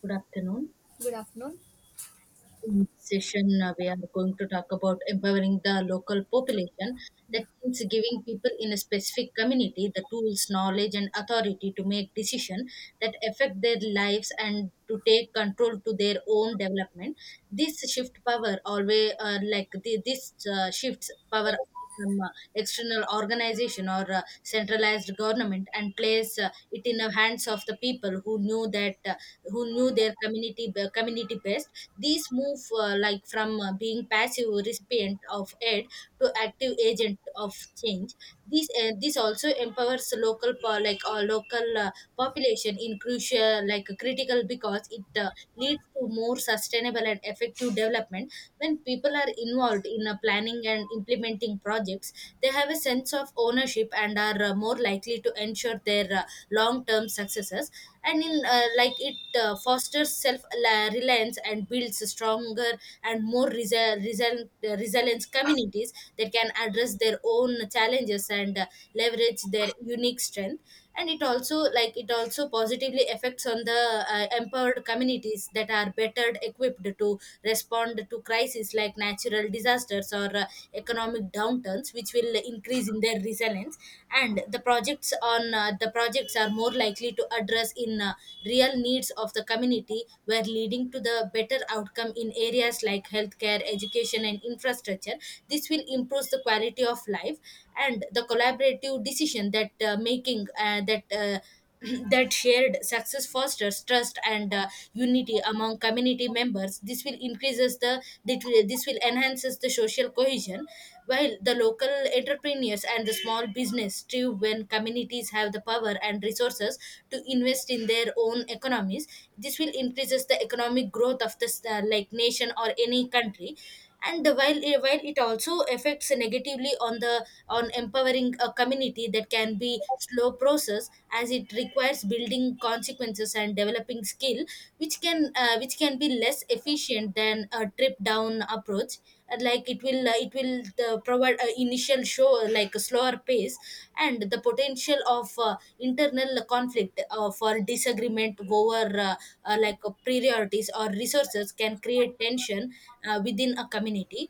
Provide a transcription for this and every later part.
Good afternoon. In this session, we are going to talk about empowering the local population. That means giving people in a specific community the tools, knowledge, and authority to make decisions that affect their lives and to take control to their own development. This shift power always like the, this shifts power from external organization or centralized government and place it in the hands of the people who knew that who knew their community best. These move from being passive recipient of aid to active agent of change. This also empowers local population in crucial like critical because it leads to more sustainable and effective development. When people are involved in planning and implementing projects, they have a sense of ownership and are more likely to ensure their long-term successes, and in like it fosters self-reliance and builds stronger and more resilient communities that can address their own challenges and leverage their unique strength. And it also like it also positively affects on the empowered communities that are better equipped to respond to crises like natural disasters or economic downturns, which will increase in their resilience. And the projects are more likely to address in real needs of the community, were leading to the better outcome in areas like healthcare, education, and infrastructure. This will improve the quality of life. And the collaborative decision that making that that shared success fosters trust and unity among community members. This will enhances the social cohesion, while the local entrepreneurs and the small business thrive when communities have the power and resources to invest in their own economies. This will increases the economic growth of this nation or any country. And while it also affects negatively on the on empowering a community, that can be slow process as it requires building consequences and developing skill, which can be less efficient than a trip down approach. It will provide a initial show like a slower pace. And the potential of internal conflict for disagreement over priorities or resources can create tension within a community.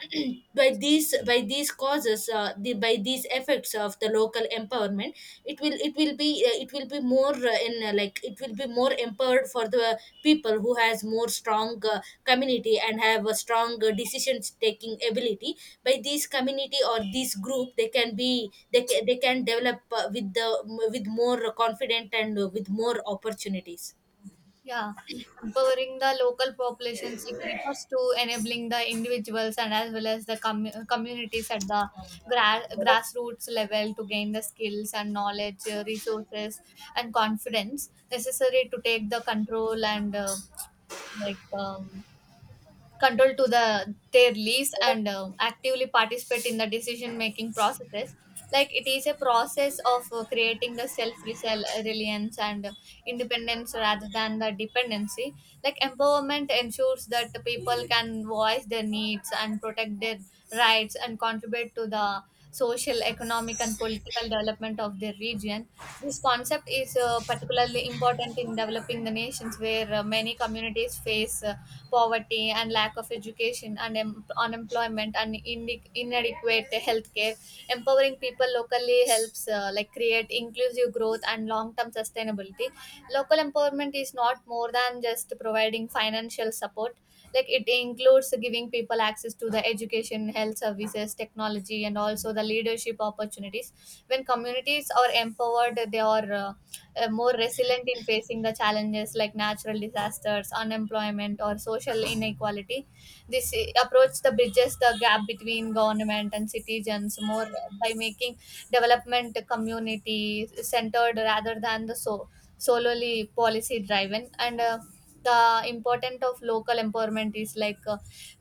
by these causes the, by these effects of the local empowerment, it will be more in like it will be more empowered for the people who has more strong community and have a strong decisions taking ability. By these community or this group, they can develop with the with more confident and with more opportunities. Yeah, empowering the local populations, it refers to enabling the individuals and as well as the communities at the grassroots level to gain the skills and knowledge, resources, and confidence necessary to take the control and like um, control to the their lease and actively participate in the decision making processes. Like it is a process of creating the self reliance and independence rather than the dependency. Like empowerment ensures that the people can voice their needs and protect their rights and contribute to the social, economic, and political development of their region. This concept is particularly important in developing the nations where many communities face poverty and lack of education and unemployment and inadequate healthcare. Empowering people locally helps like create inclusive growth and long-term sustainability. Local empowerment is not more than just providing financial support, like it includes giving people access to the education, health services, technology, and also the leadership opportunities. When communities are empowered, they are more resilient in facing the challenges like natural disasters, unemployment, or social inequality. This approach the bridges the gap between government and citizens more by making development community centered rather than the solely policy driven, and the important of local empowerment is like uh,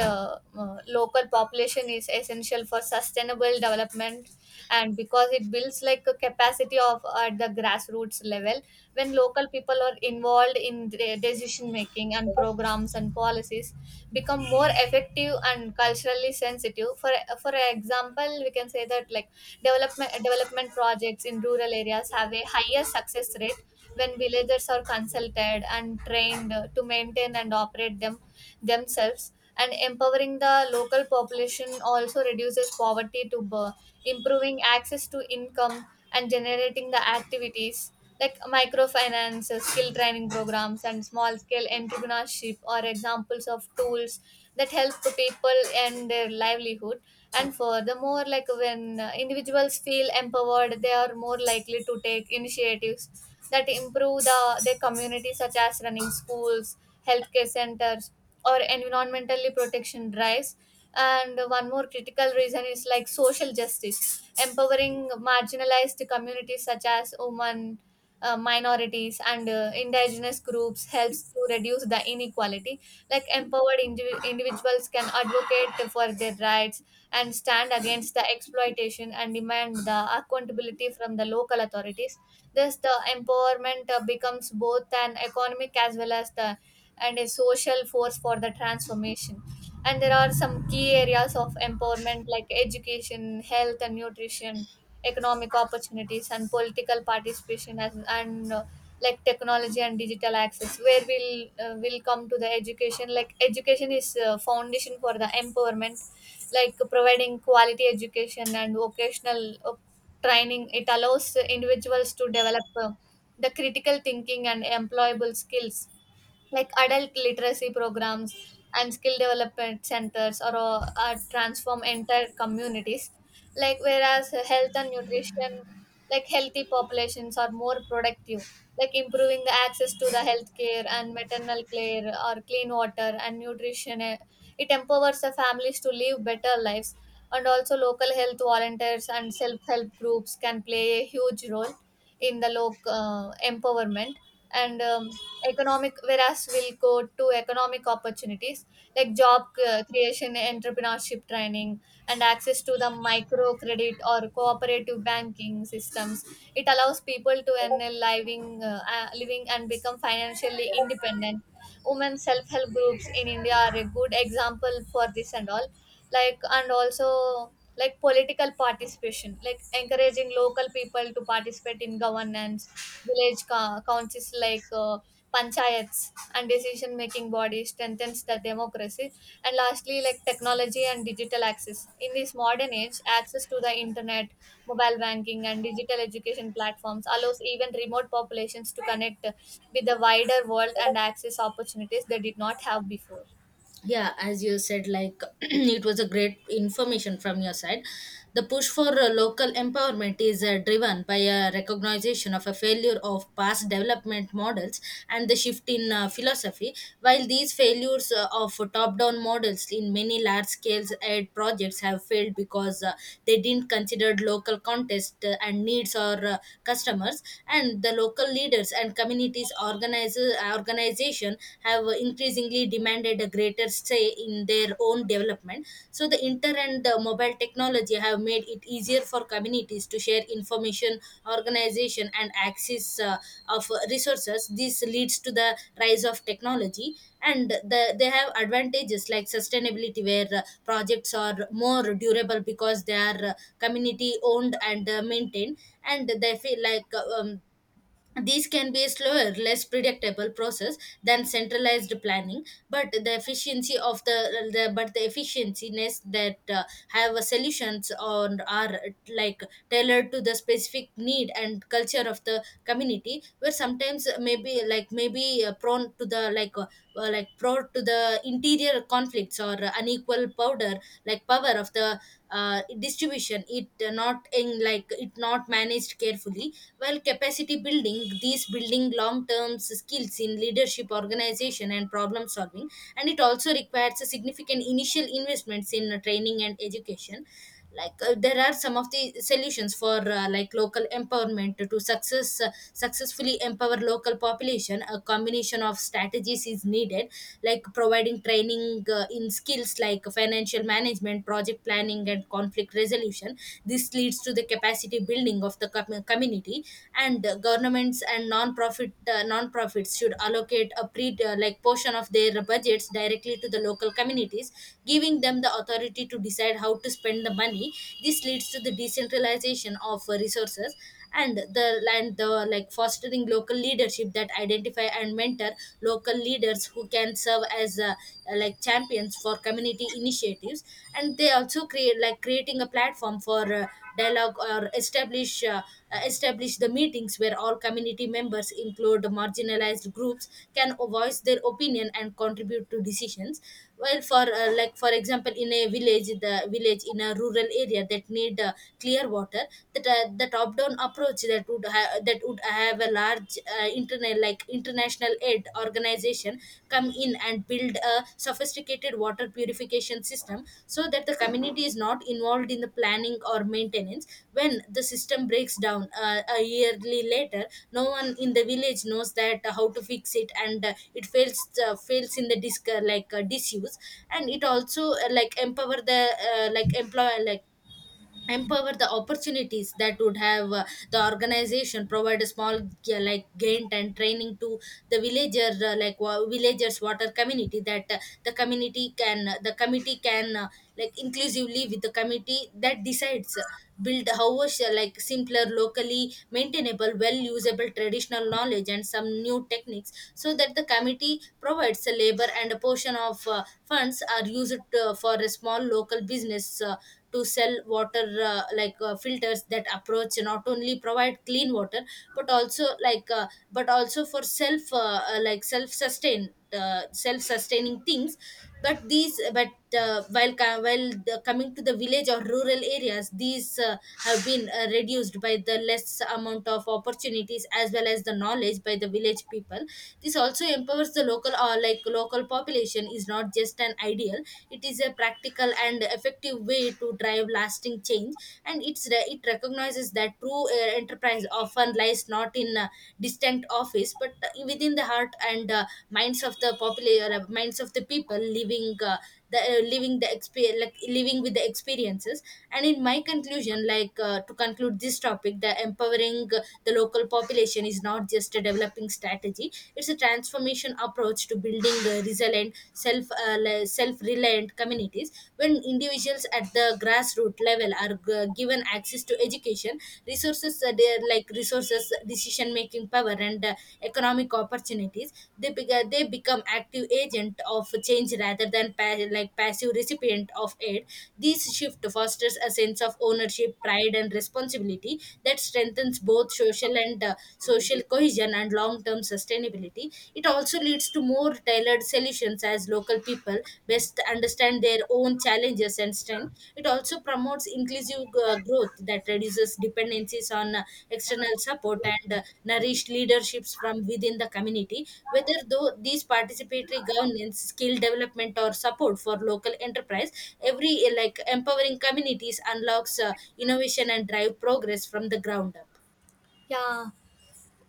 uh, uh, local population is essential for sustainable development, and because it builds like a capacity of at the grassroots level. When local people are involved in the decision making, and programs and policies become more effective and culturally sensitive. For example we can say that, like, development projects in rural areas have a higher success rate when villagers are consulted and trained to maintain and operate them themselves. And empowering the local population also reduces poverty to birth, improving access to income and generating the activities like microfinance, skill training programs, and small scale entrepreneurship are examples of tools that help the people and their livelihood. And furthermore, like when individuals feel empowered, they are more likely to take initiatives that improve the their community, such as running schools, healthcare centers, or environmentally protection drives. And one more critical reason is like social justice. Empowering marginalized communities such as women, minorities, and indigenous groups helps to reduce the inequality. Like empowered individuals can advocate for their rights and stand against the exploitation and demand the accountability from the local authorities. Thus the empowerment becomes both an economic as well as the and a social force for the transformation. And there are some key areas of empowerment, like education, health and nutrition, economic opportunities, and political participation as, and like technology and digital access, where we'll will come to the education. Like education is foundation for the empowerment, like providing quality education and vocational training. It allows individuals to develop the critical thinking and employable skills like adult literacy programs and skill development centers or transform entire communities. Like whereas health and nutrition, like healthy populations are more productive, like improving the access to the health care and maternal care or clean water and nutrition, it empowers the families to live better lives. And also local health volunteers and self-help groups can play a huge role in the local empowerment. And economic, whereas we'll go to economic opportunities, like job creation, entrepreneurship training, and access to the microcredit or cooperative banking systems. It allows people to earn a living and become financially independent. Women self-help groups in india are a good example for this and all. Like and also, like political participation, like encouraging local people to participate in governance, village councils like panchayats and decision making bodies strengthens the democracy. And lastly, like technology and digital access, in this modern age access to the internet, Mobile banking, and digital education platforms allows even remote populations to connect with the wider world and access opportunities they did not have before. Yeah, as you said, it was a great information from your side. The push for local empowerment is driven by a recognition of a failure of past development models and the shift in philosophy. While these failures of top down models in many large scale aid projects have failed because they didn't consider local context and needs or customers, and the local leaders and communities organizers organizations have increasingly demanded a greater say in their own development. So the internet and the mobile technology have made it easier for communities to share information, organization, and access of resources. This leads to the rise of technology, and the, they have advantages like sustainability, where projects are more durable because they are community owned and maintained, and they feel like these can be a slower, less predictable process than centralized planning. But the efficiency of the but the efficiencies that have a solutions or are like tailored to the specific need and culture of the community, where sometimes maybe prone to the like were like brought to the interior conflicts or unequal powder, like power of the distribution, it not in like it not managed carefully. While capacity building, these building long term skills in leadership, organization, and problem solving, and it also requires a significant initial investments in training and education. There are some of the solutions for local empowerment to successfully empower local population. A combination of strategies is needed, like providing training in skills like financial management, project planning, and conflict resolution. This leads to the capacity building of the community. And governments and non-profits should allocate a pre like portion of their budgets directly to the local communities, giving them the authority to decide how to spend the money. This leads to the decentralization of resources, and the fostering local leadership that identify and mentor local leaders who can serve as champions for community initiatives. And they also create like creating a platform for dialogue or establish the meetings where all community members include marginalized groups can voice their opinion and contribute to decisions. Well, for for example, in a village, the village in a rural area that need clear water, that the top down approach that would have a large internet like international aid organization come in and build a sophisticated water purification system, so that the community is not involved in the planning or maintenance. When the system breaks down a yearly later, no one in the village knows that how to fix it, and it fails in the disc like disuse. And it also like empower the like employ like empower the opportunities that would have the organization provide a small, yeah, like grant and training to the villagers water community, that the committee can inclusively with the committee that decides build house like simpler locally maintainable well usable traditional knowledge and some new techniques, so that the committee provides a labor and a portion of funds are used for a small local business to sell water filters. That approach not only provide clean water, but also for self sustain, self sustaining things. But these but while co- while the, Coming to the village or rural areas, these have been reduced by the less amount of opportunities as well as the knowledge by the village people. This also empowers the local or like local population is not just an ideal, it is a practical and effective way to drive lasting change. And it recognizes that true enterprise often lies not in a distant office, but within the heart and minds of the people living the experience, like living with the experiences. And in my conclusion, to conclude this topic, the empowering the local population is not just a developing strategy, it's a transformation approach to building the resilient self-reliant communities. When individuals at the grassroots level are given access to education, resources they are like resources, decision making power, and economic opportunities, they become active agent of change rather than passive recipient of aid. This shift fosters a sense of ownership, pride, and responsibility that strengthens both social and social cohesion and long term sustainability. It also leads to more tailored solutions as local people best understand their own challenges and strength. It also promotes inclusive growth that reduces dependencies on external support and nourished leaderships from within the community. Whether though these participatory governance, skill development, or support for local enterprise, every empowering communities unlocks innovation and drive progress from the ground up. Yeah,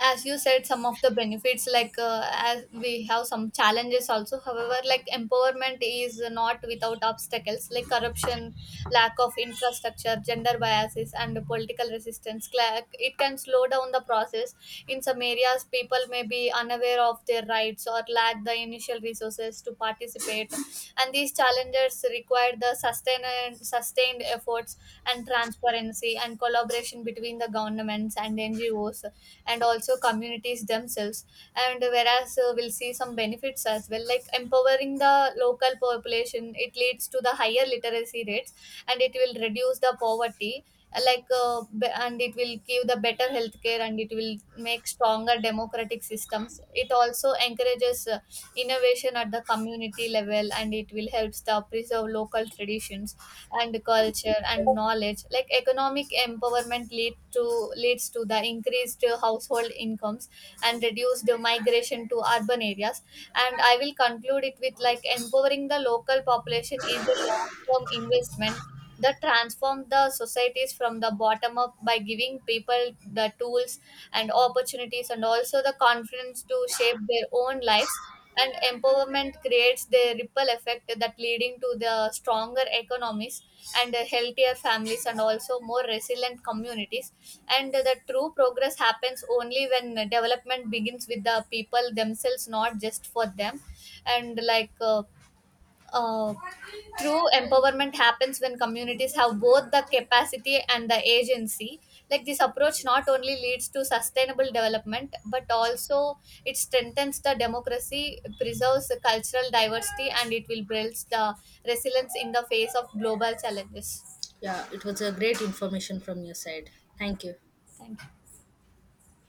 as you said, some of the benefits like, as we have some challenges also. However, like empowerment is not without obstacles like corruption, lack of infrastructure, gender biases, and political resistance. It can slow down the process. In some areas people may be unaware of their rights or lack the initial resources to participate, and these challenges require the sustained efforts and transparency and collaboration between the governments and NGOs and also communities themselves. And whereas we'll see some benefits as well, like empowering the local population, it leads to the higher literacy rates, and it will reduce the poverty, and it will give the better healthcare, and it will make stronger democratic systems. It also encourages innovation at the community level, and it will helps the preserve local traditions and culture and knowledge. Like economic empowerment leads to the increased household incomes and reduced migration to urban areas. And I will conclude it with, like, empowering the local population is a long term investment that transforms the societies from the bottom up by giving people the tools and opportunities and also the confidence to shape their own lives. And empowerment environment creates the ripple effect that leading to the stronger economies and healthier families and also more resilient communities. And the true progress happens only when development begins with the people themselves, not just for them. And like uh, true empowerment happens when communities have both the capacity and the agency. Like this approach not only leads to sustainable development, but also it strengthens the democracy, preserves the cultural diversity, and it will build the resilience in the face of global challenges. Yeah, it was a great information from your side. Thank you.